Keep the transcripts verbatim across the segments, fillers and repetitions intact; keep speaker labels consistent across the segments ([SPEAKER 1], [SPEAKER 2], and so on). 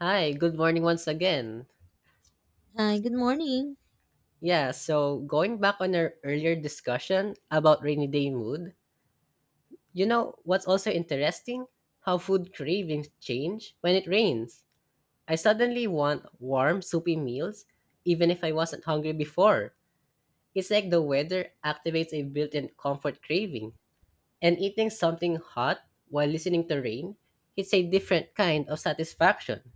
[SPEAKER 1] Hi, good morning once again.
[SPEAKER 2] Hi, good morning.
[SPEAKER 1] Yeah, so going back on our earlier discussion about rainy day mood, you know what's also interesting? How food cravings change when it rains. I suddenly want warm, soupy meals, even if I wasn't hungry before. It's like the weather activates a built in comfort craving. And eating something hot while listening to rain hits a different kind of satisfaction.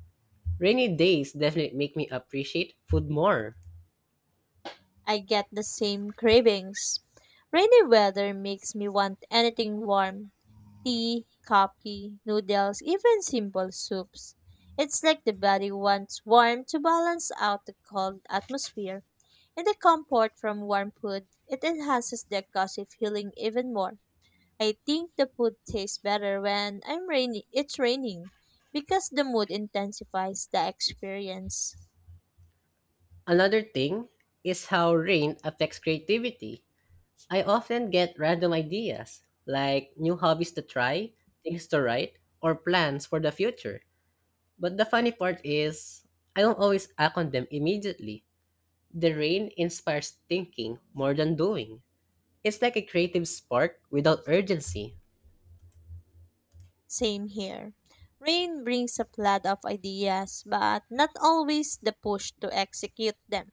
[SPEAKER 1] Rainy days definitely make me appreciate food more.
[SPEAKER 2] I get the same cravings. Rainy weather makes me want anything warm tea, coffee, noodles, even simple soups. It's like the body wants warm to balance out the cold atmosphere. And the comfort from warm food, it enhances the of feeling even more. I think the food tastes better when I'm rainy it's raining because the mood intensifies the experience.
[SPEAKER 1] Another thing is how rain affects creativity. I often get random ideas, like new hobbies to try, things to write, or plans for the future. But the funny part is, I don't always act on them immediately. The rain inspires thinking more than doing. It's like a creative spark without urgency.
[SPEAKER 2] Same here. Rain brings a flood of ideas, but not always the push to execute them.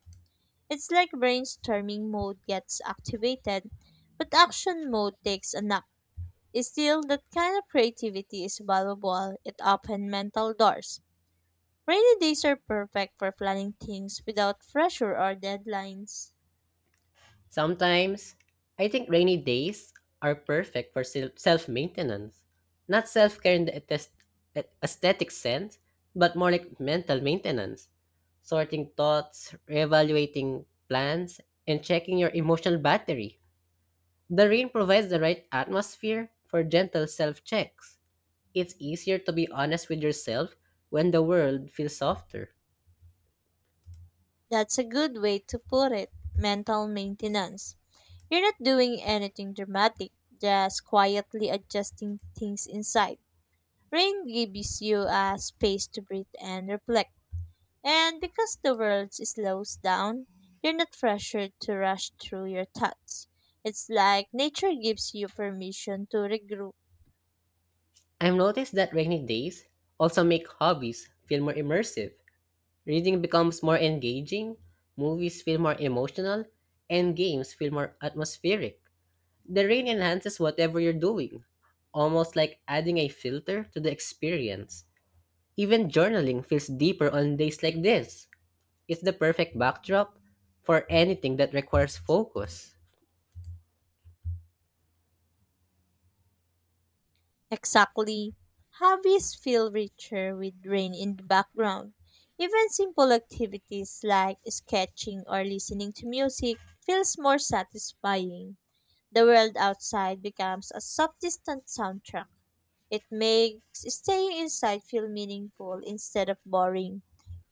[SPEAKER 2] It's like brainstorming mode gets activated, but action mode takes a nap. Still, that kind of creativity is valuable. It opens mental doors. Rainy days are perfect for planning things without pressure or deadlines.
[SPEAKER 1] Sometimes, I think rainy days are perfect for self maintenance. Not self care in the ates- aesthetic sense, but more like mental maintenance. Sorting thoughts, reevaluating plans, and checking your emotional battery. The rain provides the right atmosphere for gentle self checks. It's easier to be honest with yourself when the world feels softer.
[SPEAKER 2] That's a good way to put it. Mental maintenance. You're not doing anything dramatic, just quietly adjusting things inside. Rain gives you a space to breathe and reflect. And because the world slows down, you're not pressured to rush through your thoughts. It's like nature gives you permission to regroup.
[SPEAKER 1] I've noticed that rainy days also make hobbies feel more immersive. Reading becomes more engaging, movies feel more emotional, and games feel more atmospheric. The rain enhances whatever you're doing, almost like adding a filter to the experience. Even journaling feels deeper on days like this. It's the perfect backdrop for anything that requires focus.
[SPEAKER 2] Exactly. Hobbies feel richer with rain in the background. Even simple activities like sketching or listening to music feels more satisfying. The world outside becomes a subsistent soundtrack. It makes staying inside feel meaningful instead of boring.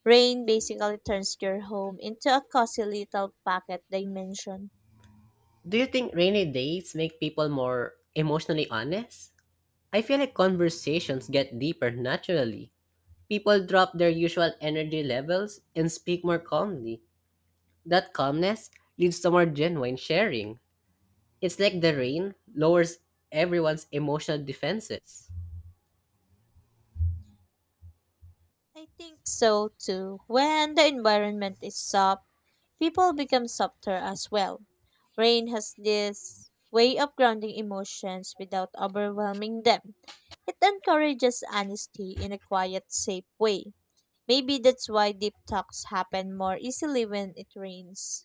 [SPEAKER 2] Rain basically turns your home into a cozy little pocket dimension.
[SPEAKER 1] Do you think rainy days make people more emotionally honest? I feel like conversations get deeper naturally. People drop their usual energy levels and speak more calmly. That calmness leads to more genuine sharing. It's like the rain lowers everyone's emotional defenses.
[SPEAKER 2] I think so too. When the environment is soft, people become softer as well. Rain has this way of grounding emotions without overwhelming them. It encourages honesty in a quiet, safe way. Maybe that's why deep talks happen more easily when it rains.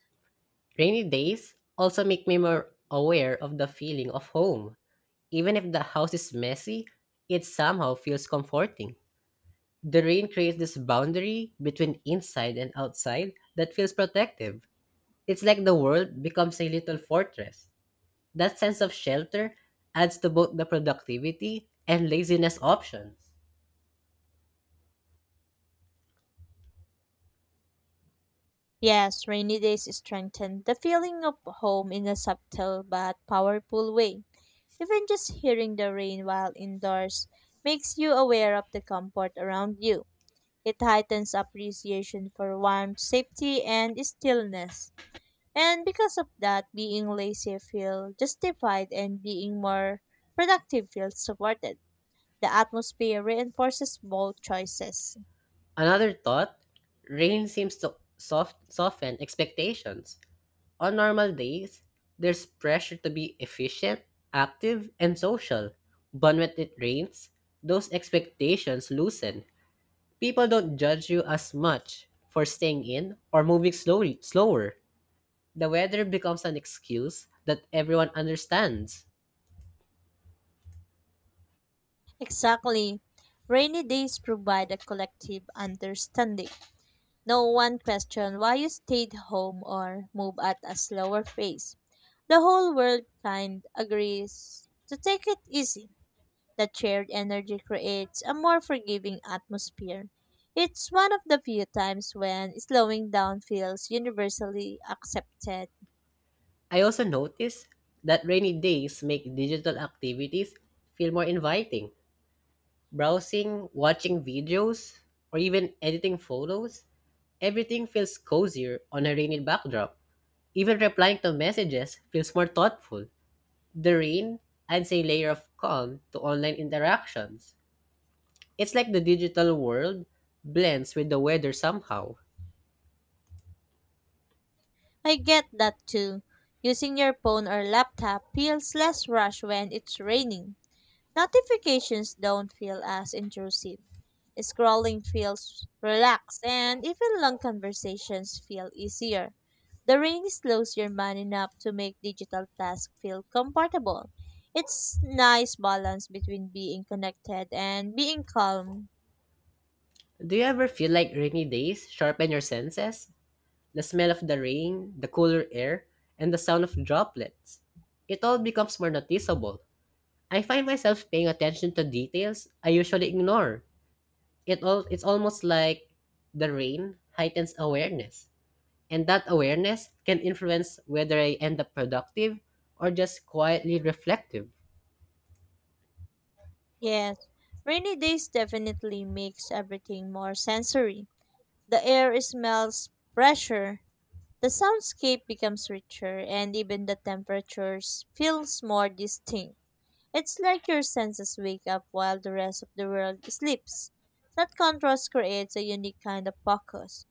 [SPEAKER 1] Rainy days also make me more aware of the feeling of home. Even if the house is messy, it somehow feels comforting. The rain creates this boundary between inside and outside that feels protective. It's like the world becomes a little fortress. That sense of shelter adds to both the productivity and laziness options.
[SPEAKER 2] Yes, rainy days strengthen the feeling of home in a subtle but powerful way. Even just hearing the rain while indoors makes you aware of the comfort around you. It heightens appreciation for warmth, safety, and stillness. And because of that, being lazy feels justified and being more productive feels supported. The atmosphere reinforces both choices.
[SPEAKER 1] Another thought: rain seems to soft, soften expectations. On normal days, there's pressure to be efficient, active, and social. But when it rains, those expectations loosen. People don't judge you as much for staying in or moving slowly, slower. The weather becomes an excuse that everyone understands.
[SPEAKER 2] Exactly. Rainy days provide a collective understanding. No one questioned why you stayed home or moved at a slower pace. The whole world kind agrees to take it easy. That shared energy creates a more forgiving atmosphere. It's one of the few times when slowing down feels universally accepted.
[SPEAKER 1] I also notice that rainy days make digital activities feel more inviting. Browsing, watching videos, or even editing photos, everything feels cozier on a rainy backdrop. Even replying to messages feels more thoughtful. The rain adds a layer of calm to online interactions. It's like the digital world blends with the weather somehow.
[SPEAKER 2] I get that too. Using your phone or laptop feels less rush when it's raining. Notifications don't feel as intrusive. Scrolling feels relaxed, and even long conversations feel easier. The ring slows your mind enough to make digital tasks feel comfortable. It's nice balance between being connected and being calm.
[SPEAKER 1] Do you ever feel like rainy days sharpen your senses? The smell of the rain, the cooler air, and the sound of droplets. It all becomes more noticeable. I find myself paying attention to details I usually ignore. It all it's almost like the rain heightens awareness, and that awareness can influence whether I end up productive or just quietly reflective.
[SPEAKER 2] Yes, rainy days definitely makes everything more sensory. The air smells fresher, the soundscape becomes richer and even the temperatures feels more distinct. It's like your senses wake up while the rest of the world sleeps. That contrast creates a unique kind of focus.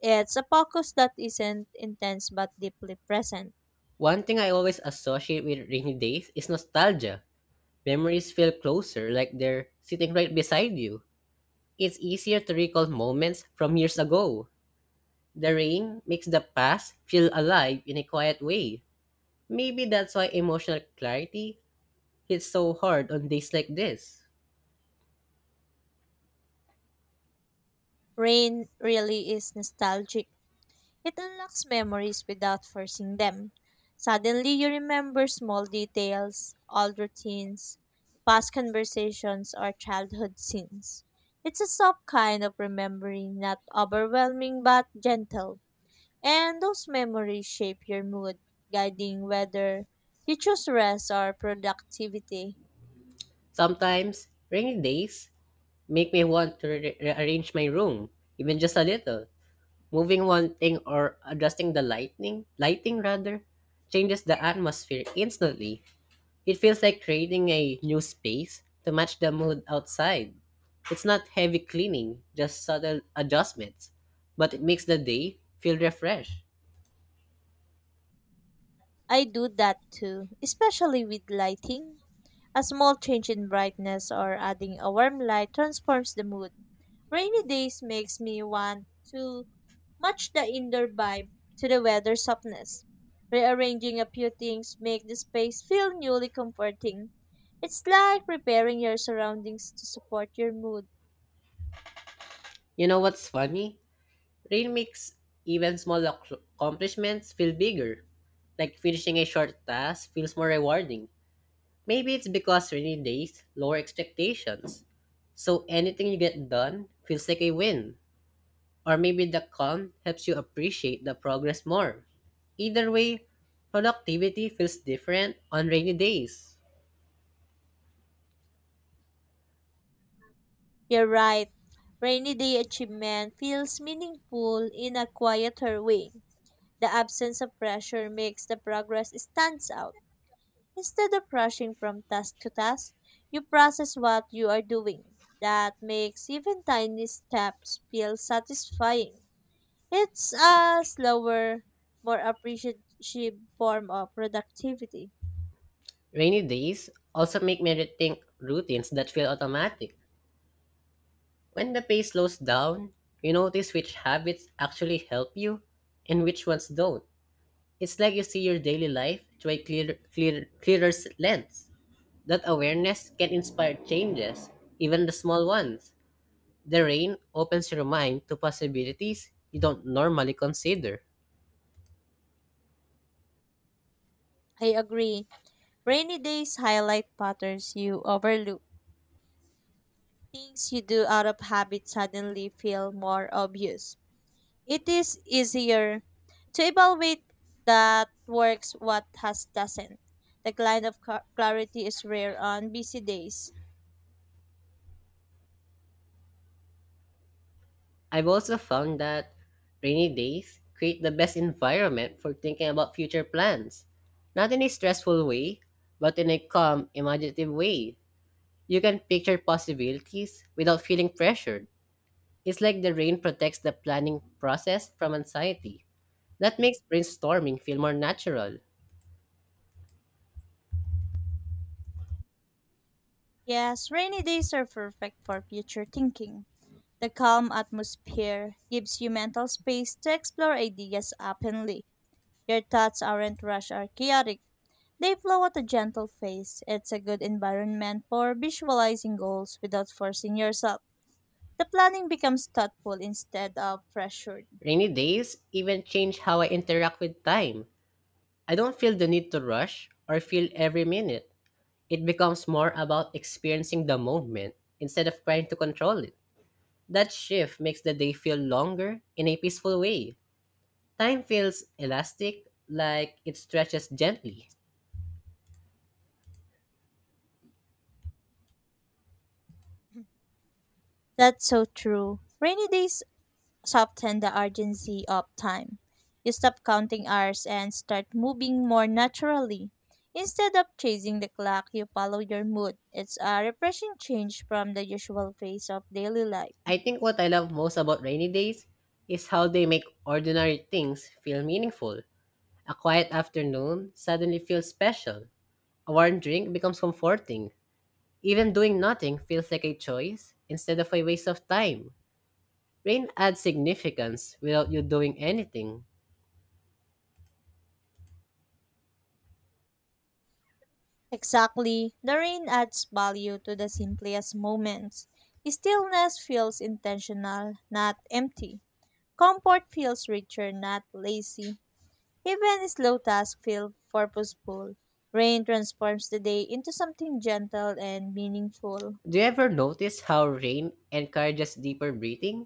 [SPEAKER 2] It's a focus that isn't intense but deeply present.
[SPEAKER 1] One thing I always associate with rainy days is nostalgia. Memories feel closer, like they're sitting right beside you. It's easier to recall moments from years ago. The rain makes the past feel alive in a quiet way. Maybe that's why emotional clarity it's so hard on days like this.
[SPEAKER 2] Rain really is nostalgic. It unlocks memories without forcing them. Suddenly, you remember small details, old routines, past conversations, or childhood scenes. It's a soft kind of remembering, not overwhelming but gentle. And those memories shape your mood, guiding whether you choose rest or productivity.
[SPEAKER 1] Sometimes, rainy days make me want to re- rearrange my room, even just a little. Moving one thing or adjusting the lighting, lighting rather, changes the atmosphere instantly. It feels like creating a new space to match the mood outside. It's not heavy cleaning, just subtle adjustments, but it makes the day feel refreshed.
[SPEAKER 2] I do that too, especially with lighting. A small change in brightness or adding a warm light transforms the mood. Rainy days makes me want to match the indoor vibe to the weather softness. Rearranging a few things make the space feel newly comforting. It's like preparing your surroundings to support your mood.
[SPEAKER 1] You know what's funny? Rain makes even small ac- accomplishments feel bigger. Like finishing a short task feels more rewarding. Maybe it's because rainy days lower expectations. So anything you get done feels like a win. Or maybe the calm helps you appreciate the progress more. Either way, productivity feels different on rainy days.
[SPEAKER 2] You're right. Rainy day achievement feels meaningful in a quieter way. The absence of pressure makes the progress stands out. Instead of rushing from task to task, you process what you are doing. That makes even tiny steps feel satisfying. It's a slower, more appreciative form of productivity.
[SPEAKER 1] Rainy days also make me rethink routines that feel automatic. When the pace slows down, you notice which habits actually help you and which ones don't. It's like you see your daily life through a clear, clear, clearer s- lens. That awareness can inspire changes, even the small ones. The rain opens your mind to possibilities you don't normally consider.
[SPEAKER 2] I agree. Rainy days highlight patterns you overlook. Things you do out of habit suddenly feel more obvious. It is easier to evaluate that works what has doesn't. The kind of cla- clarity is rare on busy days.
[SPEAKER 1] I've also found that rainy days create the best environment for thinking about future plans. Not in a stressful way, but in a calm, imaginative way. You can picture possibilities without feeling pressured. It's like the rain protects the planning process from anxiety. That makes brainstorming feel more natural.
[SPEAKER 2] Yes, rainy days are perfect for future thinking. The calm atmosphere gives you mental space to explore ideas openly. Your thoughts aren't rushed or chaotic. They flow at a gentle pace. It's a good environment for visualizing goals without forcing yourself. The planning becomes thoughtful instead of pressured.
[SPEAKER 1] Rainy days even change how I interact with time. I don't feel the need to rush or feel every minute. It becomes more about experiencing the moment instead of trying to control it. That shift makes the day feel longer in a peaceful way. Time feels elastic, like it stretches gently.
[SPEAKER 2] That's so true. Rainy days soften the urgency of time. You stop counting hours and start moving more naturally. Instead of chasing the clock, you follow your mood. It's a refreshing change from the usual phase of daily life.
[SPEAKER 1] I think what I love most about rainy days is how they make ordinary things feel meaningful. A quiet afternoon suddenly feels special. A warm drink becomes comforting. Even doing nothing feels like a choice instead of a waste of time. Rain adds significance without you doing anything.
[SPEAKER 2] Exactly, the rain adds value to the simplest moments. Stillness feels intentional, not empty. Comfort feels richer, not lazy. Even slow tasks feel purposeful. Rain transforms the day into something gentle and meaningful.
[SPEAKER 1] Do you ever notice how rain encourages deeper breathing?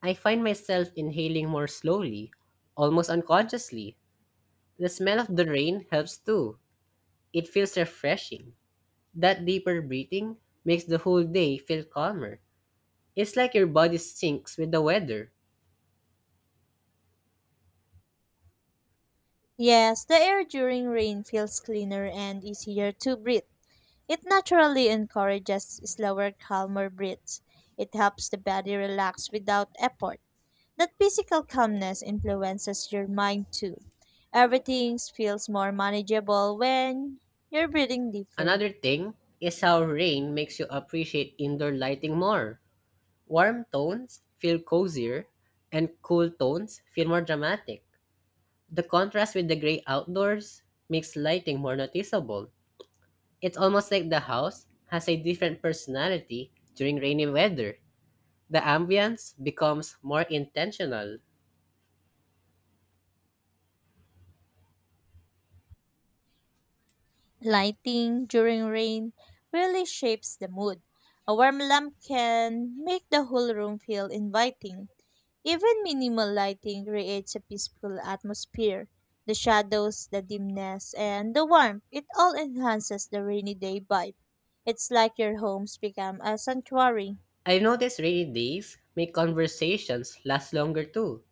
[SPEAKER 1] I find myself inhaling more slowly, almost unconsciously. The smell of the rain helps too. It feels refreshing. That deeper breathing makes the whole day feel calmer. It's like your body syncs with the weather.
[SPEAKER 2] Yes, the air during rain feels cleaner and easier to breathe. It naturally encourages slower, calmer breaths. It helps the body relax without effort. That physical calmness influences your mind too. Everything feels more manageable when you're breathing deeper.
[SPEAKER 1] Another thing is how rain makes you appreciate indoor lighting more. Warm tones feel cozier, and cool tones feel more dramatic. The contrast with the gray outdoors makes lighting more noticeable. It's almost like the house has a different personality during rainy weather. The ambience becomes more intentional.
[SPEAKER 2] Lighting during rain really shapes the mood. A warm lamp can make the whole room feel inviting. Even minimal lighting creates a peaceful atmosphere. The shadows, the dimness, and the warmth, it all enhances the rainy day vibe. It's like your homes become a sanctuary.
[SPEAKER 1] I've noticed rainy days make conversations last longer too.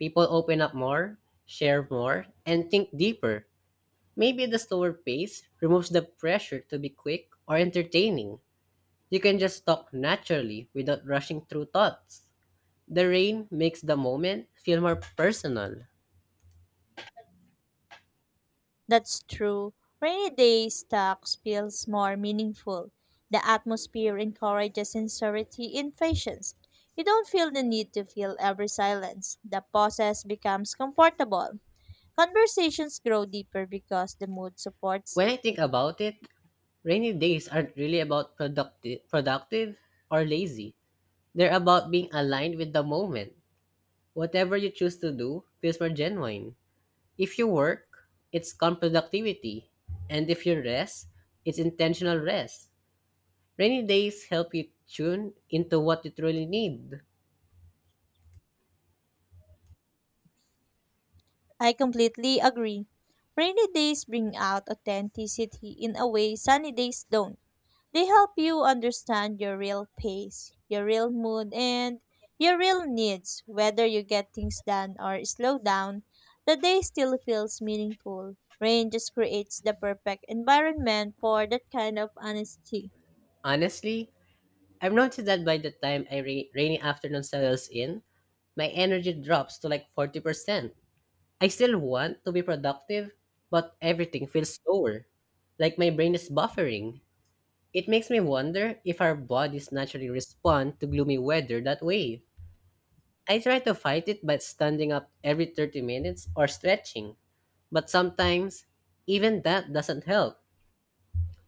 [SPEAKER 1] People open up more, share more, and think deeper. Maybe the slower pace removes the pressure to be quick or entertaining. You can just talk naturally without rushing through thoughts. The rain makes the moment feel more personal.
[SPEAKER 2] That's true. Rainy day talks feels more meaningful. The atmosphere encourages sincerity and patience. You don't feel the need to fill every silence. The process becomes comfortable. Conversations grow deeper because the mood supports
[SPEAKER 1] When I
[SPEAKER 2] it.
[SPEAKER 1] think about it, rainy days aren't really about productive, productive or lazy. They're about being aligned with the moment. Whatever you choose to do feels more genuine. If you work, it's calm productivity. And if you rest, it's intentional rest. Rainy days help you tune into what you truly need.
[SPEAKER 2] I completely agree. Rainy days bring out authenticity in a way sunny days don't. They help you understand your real pace, your real mood, and your real needs, whether you get things done or slow down. The day still feels meaningful. Rain just creates the perfect environment for that kind of honesty.
[SPEAKER 1] Honestly, I've noticed that by the time a ra- rainy afternoon settles in, my energy drops to like forty percent. I still want to be productive, but everything feels slower. Like my brain is buffering. It makes me wonder if our bodies naturally respond to gloomy weather that way. I try to fight it by standing up every thirty minutes or stretching, but sometimes even that doesn't help.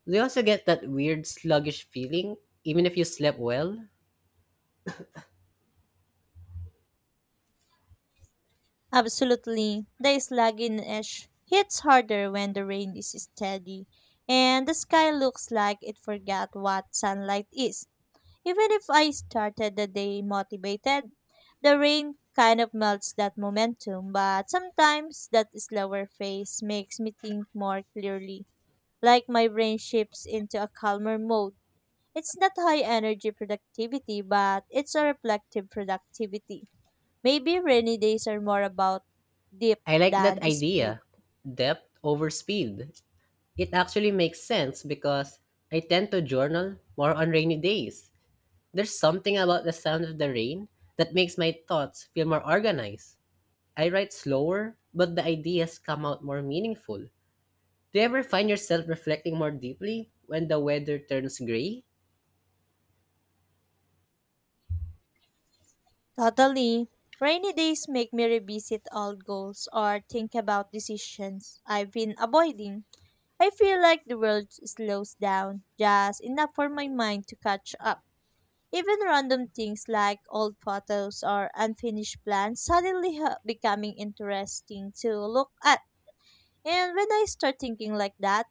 [SPEAKER 1] Do you also get that weird sluggish feeling even if you slept well?
[SPEAKER 2] Absolutely, the sluggishness hits harder when the rain is steady, and the sky looks like it forgot what sunlight is. Even if I started the day motivated, the rain kind of melts that momentum, but sometimes that slower phase makes me think more clearly, like my brain shifts into a calmer mode. It's not high energy productivity, but it's a reflective productivity. Maybe rainy days are more about depth
[SPEAKER 1] I like that
[SPEAKER 2] than speed.
[SPEAKER 1] idea: depth over speed. It actually makes sense because I tend to journal more on rainy days. There's something about the sound of the rain that makes my thoughts feel more organized. I write slower, but the ideas come out more meaningful. Do you ever find yourself reflecting more deeply when the weather turns gray?
[SPEAKER 2] Totally. Rainy days make me revisit old goals or think about decisions I've been avoiding. I feel like the world slows down just enough for my mind to catch up. Even random things like old photos or unfinished plans suddenly ha- becoming interesting to look at. And when I start thinking like that,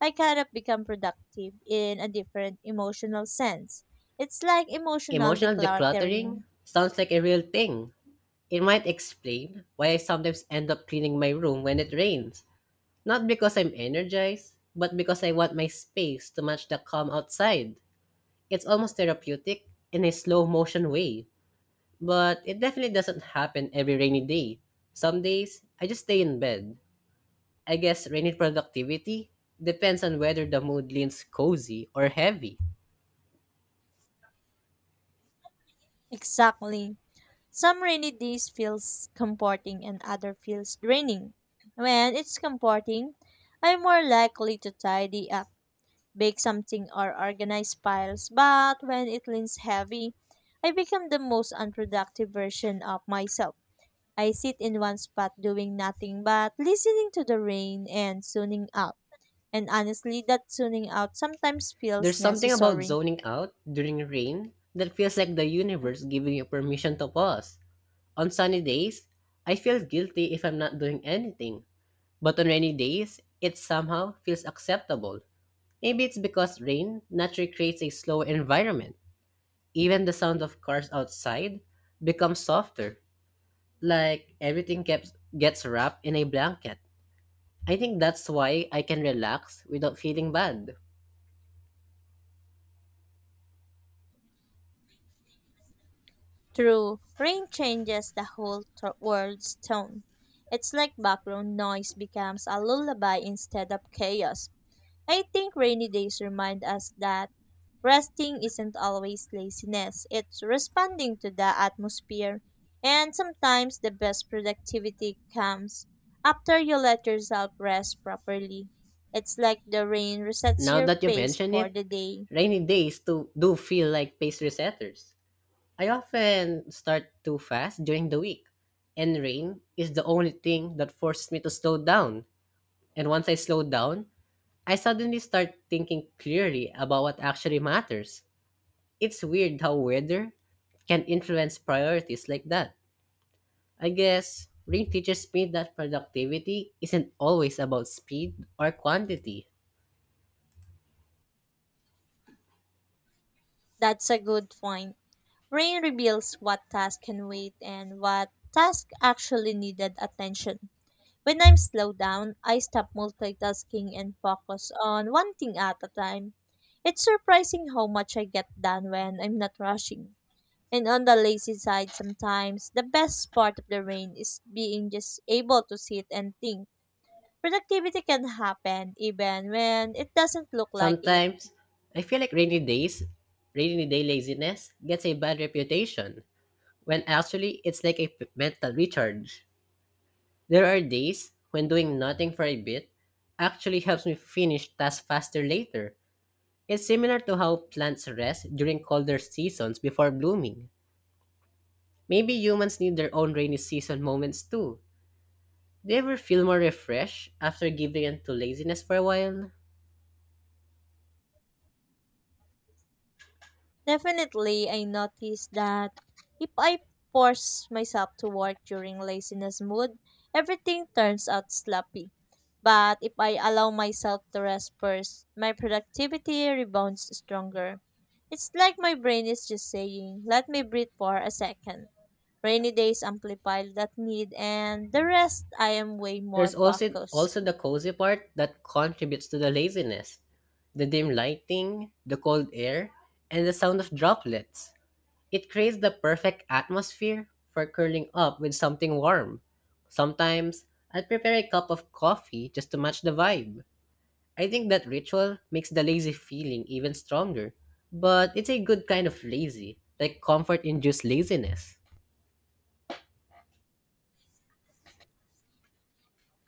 [SPEAKER 2] I kind of become productive in a different emotional sense. It's like emotional
[SPEAKER 1] Emotional
[SPEAKER 2] decluttering.
[SPEAKER 1] decluttering sounds like a real thing. It might explain why I sometimes end up cleaning my room when it rains. Not because I'm energized, but because I want my space to match the calm outside. It's almost therapeutic in a slow motion way, but it definitely doesn't happen every rainy day. Some days, I just stay in bed, I guess. Rainy productivity depends on whether the mood leans cozy or heavy.
[SPEAKER 2] Exactly. Some rainy days feels comforting and other feels draining. When it's comforting, I'm more likely to tidy up, bake something or organize piles, but when it leans heavy, I become the most unproductive version of myself. I sit in one spot doing nothing but listening to the rain and tuning out. And honestly, that tuning out sometimes
[SPEAKER 1] There's
[SPEAKER 2] feels
[SPEAKER 1] something about
[SPEAKER 2] necessary.
[SPEAKER 1] zoning out during rain that feels like the universe giving you permission to pause. On sunny days, I feel guilty if I'm not doing anything. But on rainy days, it somehow feels acceptable. Maybe it's because rain naturally creates a slower environment. Even the sound of cars outside becomes softer, like everything gets, gets wrapped in a blanket. I think that's why I can relax without feeling bad.
[SPEAKER 2] True, rain changes the whole t- world's tone. It's like background noise becomes a lullaby instead of chaos. I think rainy days remind us that resting isn't always laziness, it's responding to the atmosphere. And sometimes the best productivity comes after you let yourself rest properly. It's like the rain resets
[SPEAKER 1] Now
[SPEAKER 2] your
[SPEAKER 1] that you
[SPEAKER 2] pace
[SPEAKER 1] mention
[SPEAKER 2] for
[SPEAKER 1] it,
[SPEAKER 2] the day.
[SPEAKER 1] rainy days to, do feel like pace resetters. I often start too fast during the week, and rain is the only thing that forces me to slow down. And once I slow down, I suddenly start thinking clearly about what actually matters. It's weird how weather can influence priorities like that. I guess rain teaches me that productivity isn't always about speed or quantity.
[SPEAKER 2] That's a good point. Rain reveals what tasks can wait and what tasks actually needed attention. When I'm slowed down, I stop multitasking and focus on one thing at a time. It's surprising how much I get done when I'm not rushing. And on the lazy side, sometimes the best part of the rain is being just able to sit and think. Productivity can happen even when it doesn't look like it.
[SPEAKER 1] Sometimes, I feel like rainy days, rainy day laziness gets a bad reputation, when actually it's like a p- mental recharge. There are days when doing nothing for a bit actually helps me finish tasks faster later. It's similar to how plants rest during colder seasons before blooming. Maybe humans need their own rainy season moments too. Do you ever feel more refreshed after giving in to laziness for a while?
[SPEAKER 2] Definitely, I noticed that if I force myself to work during laziness mood, everything turns out sloppy. But if I allow myself to rest first, my productivity rebounds stronger. It's like my brain is just saying, let me breathe for a second. Rainy days amplify that need, and the rest I am way more
[SPEAKER 1] There's also
[SPEAKER 2] focused.
[SPEAKER 1] also the cozy part that contributes to the laziness. The dim lighting, the cold air, and the sound of droplets. It creates the perfect atmosphere for curling up with something warm. Sometimes I'll prepare a cup of coffee just to match the vibe. I think that ritual makes the lazy feeling even stronger. But it's a good kind of lazy, like comfort induced laziness.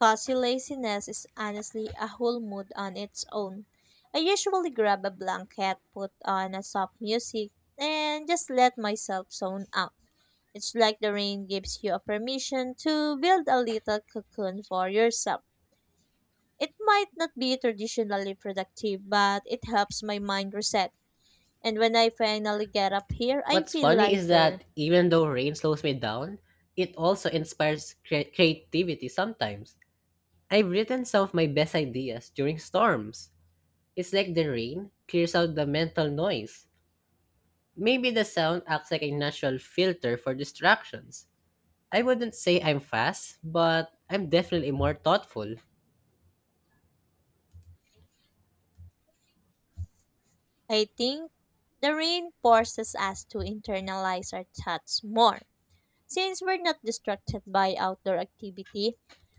[SPEAKER 2] Cozy laziness is honestly a whole mood on its own. I usually grab a blanket, put on a soft music, and just let myself zone out. It's like the rain gives you a permission to build a little cocoon for yourself. It might not be traditionally productive, but it helps my mind reset. And when I finally get up here, I
[SPEAKER 1] What's
[SPEAKER 2] feel
[SPEAKER 1] funny is that
[SPEAKER 2] lighter.
[SPEAKER 1] even though rain slows me down, it also inspires cre- creativity sometimes. I've written some of my best ideas during storms. It's like the rain clears out the mental noise. Maybe the sound acts like a natural filter for distractions. I wouldn't say I'm fast, but I'm definitely more thoughtful.
[SPEAKER 2] I think the rain forces us to internalize our thoughts more. Since we're not distracted by outdoor activity,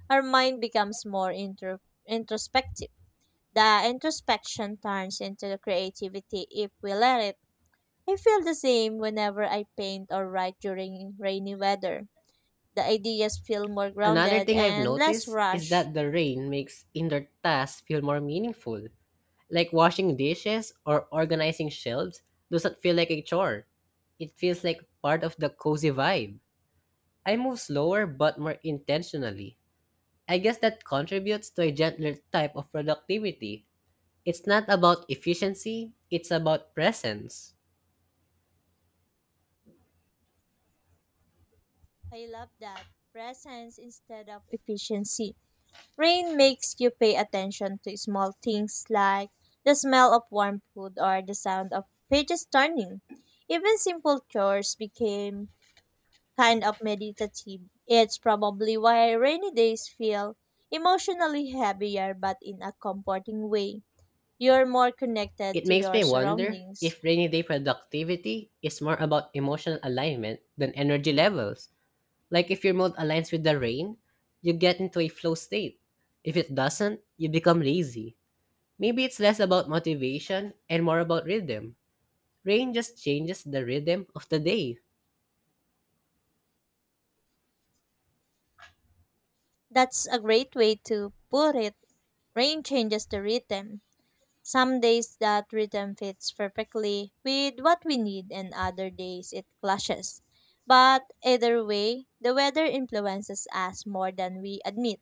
[SPEAKER 2] our mind becomes more intro- introspective. The introspection turns into creativity if we let it. I feel the same whenever I paint or write during rainy weather. The ideas feel more
[SPEAKER 1] Another
[SPEAKER 2] grounded
[SPEAKER 1] thing I've
[SPEAKER 2] and less
[SPEAKER 1] noticed is
[SPEAKER 2] rushed.
[SPEAKER 1] that the rain makes indoor tasks feel more meaningful. Like washing dishes or organizing shelves doesn't feel like a chore. It feels like part of the cozy vibe. I move slower but more intentionally. I guess that contributes to a gentler type of productivity. It's not about efficiency, it's about presence.
[SPEAKER 2] I love that presence instead of efficiency. Rain makes you pay attention to small things like the smell of warm food or the sound of pages turning. Even simple chores became kind of meditative. It's probably why rainy days feel emotionally heavier but in a comforting way. You're more connected
[SPEAKER 1] It
[SPEAKER 2] to
[SPEAKER 1] makes
[SPEAKER 2] your
[SPEAKER 1] me wonder
[SPEAKER 2] surroundings.
[SPEAKER 1] if rainy day productivity is more about emotional alignment than energy levels. Like if your mood aligns with the rain, you get into a flow state. If it doesn't, you become lazy. Maybe it's less about motivation and more about rhythm. Rain just changes the rhythm of the day.
[SPEAKER 2] That's a great way to put it. Rain changes the rhythm. Some days that rhythm fits perfectly with what we need, and other days it clashes. But either way, the weather influences us more than we admit.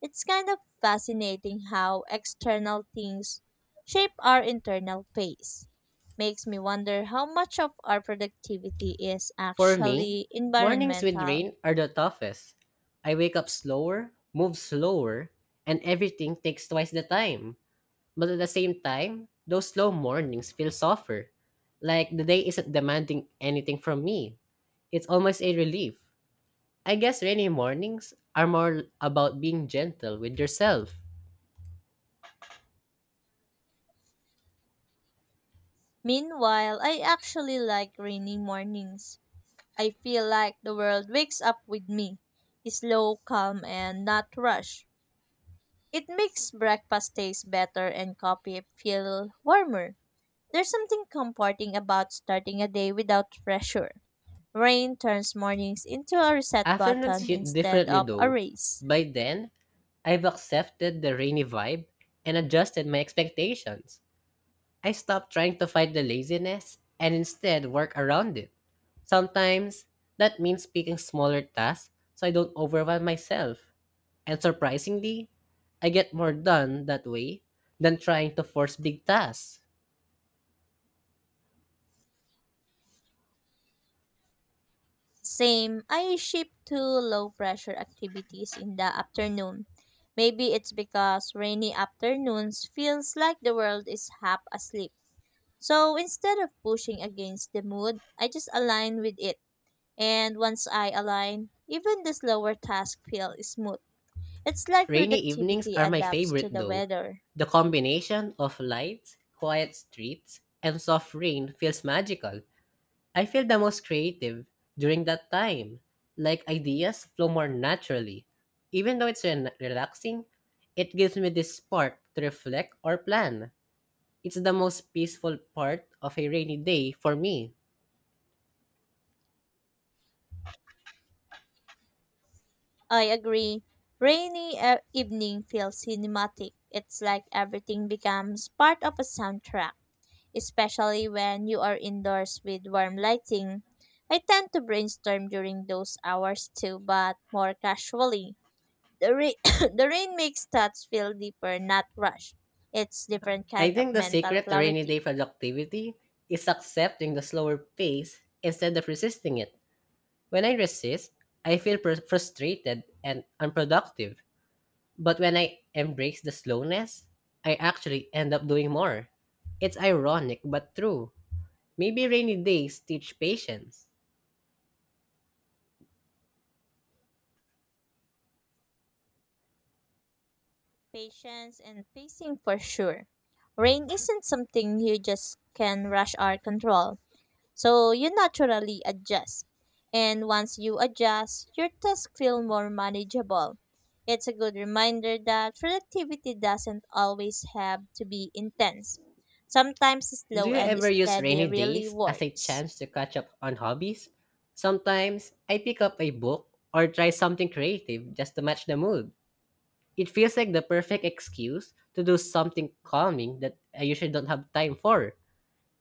[SPEAKER 2] It's kind of fascinating how external things shape our internal pace. Makes me wonder how much of our productivity is
[SPEAKER 1] For me,
[SPEAKER 2] actually
[SPEAKER 1] mornings with
[SPEAKER 2] environmental.
[SPEAKER 1] rain are the toughest. I wake up slower, move slower, and everything takes twice the time. But at the same time, those slow mornings feel softer. Like the day isn't demanding anything from me. It's almost a relief. I guess rainy mornings are more about being gentle with yourself.
[SPEAKER 2] Meanwhile, I actually like rainy mornings. I feel like the world wakes up with me, slow, calm, and not rushed. It makes breakfast taste better and coffee feel warmer. There's something comforting about starting a day without pressure. Rain turns mornings into a reset
[SPEAKER 1] Afternoons
[SPEAKER 2] button
[SPEAKER 1] hit
[SPEAKER 2] instead
[SPEAKER 1] differently
[SPEAKER 2] of a
[SPEAKER 1] though.
[SPEAKER 2] race.
[SPEAKER 1] By then, I've accepted the rainy vibe and adjusted my expectations. I stopped trying to fight the laziness and instead work around it. Sometimes that means picking smaller tasks so I don't overwhelm myself. And surprisingly, I get more done that way than trying to force big tasks.
[SPEAKER 2] Same, I shift to low pressure activities in the afternoon. Maybe it's because rainy afternoons feels like the world is half asleep. So instead of pushing against the mood, I just align with it. And once I align, even the slower tasks feel smooth. It's like
[SPEAKER 1] Rainy evenings
[SPEAKER 2] productivity
[SPEAKER 1] are my
[SPEAKER 2] adapts
[SPEAKER 1] favorite
[SPEAKER 2] to the
[SPEAKER 1] though.
[SPEAKER 2] weather.
[SPEAKER 1] The combination of lights, quiet streets, and soft rain feels magical. I feel the most creative during that time. Like ideas flow more naturally. Even though it's re- relaxing, it gives me this spark to reflect or plan. It's the most peaceful part of a rainy day for me.
[SPEAKER 2] I agree. Rainy uh, evening feels cinematic. It's like everything becomes part of a soundtrack, especially when you are indoors with warm lighting. I tend to brainstorm during those hours too, but more casually. The rain, the rain makes thoughts feel deeper, not rushed. It's different
[SPEAKER 1] I
[SPEAKER 2] kind of
[SPEAKER 1] think the
[SPEAKER 2] mental
[SPEAKER 1] secret to rainy
[SPEAKER 2] clarity,
[SPEAKER 1] day productivity is accepting the slower pace instead of resisting it. When I resist, I feel pr- frustrated and unproductive. But when I embrace the slowness, I actually end up doing more. It's ironic but true. Maybe rainy days teach patience.
[SPEAKER 2] patience, and pacing for sure. Rain isn't something you just can rush or control, so you naturally adjust. And once you adjust, your tasks feel more manageable. It's a good reminder that productivity doesn't always have to be intense. Sometimes
[SPEAKER 1] Do
[SPEAKER 2] slow
[SPEAKER 1] you
[SPEAKER 2] and
[SPEAKER 1] ever use
[SPEAKER 2] steady
[SPEAKER 1] rainy
[SPEAKER 2] really
[SPEAKER 1] days as a
[SPEAKER 2] works.
[SPEAKER 1] chance to catch up on hobbies? Sometimes I pick up a book or try something creative just to match the mood. It feels like the perfect excuse to do something calming that I usually don't have time for.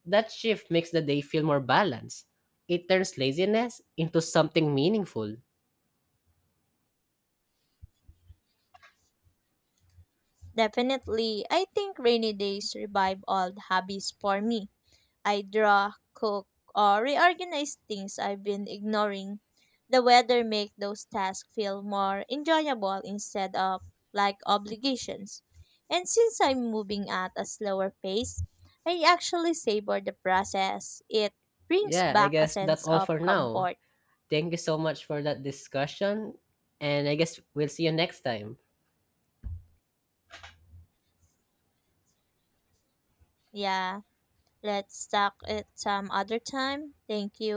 [SPEAKER 1] That shift makes the day feel more balanced. It turns laziness into something meaningful.
[SPEAKER 2] Definitely, I think rainy days revive old hobbies for me. I draw, cook, or reorganize things I've been ignoring. The weather makes those tasks feel more enjoyable instead of like obligations. And since I'm moving at a slower pace, I actually savor the process. It brings
[SPEAKER 1] Yeah, I
[SPEAKER 2] back a
[SPEAKER 1] guess that's
[SPEAKER 2] sense
[SPEAKER 1] all
[SPEAKER 2] of
[SPEAKER 1] for now.
[SPEAKER 2] comfort.
[SPEAKER 1] Thank you so much for that discussion. And I guess we'll see you next time.
[SPEAKER 2] Yeah, let's talk it some other time. Thank you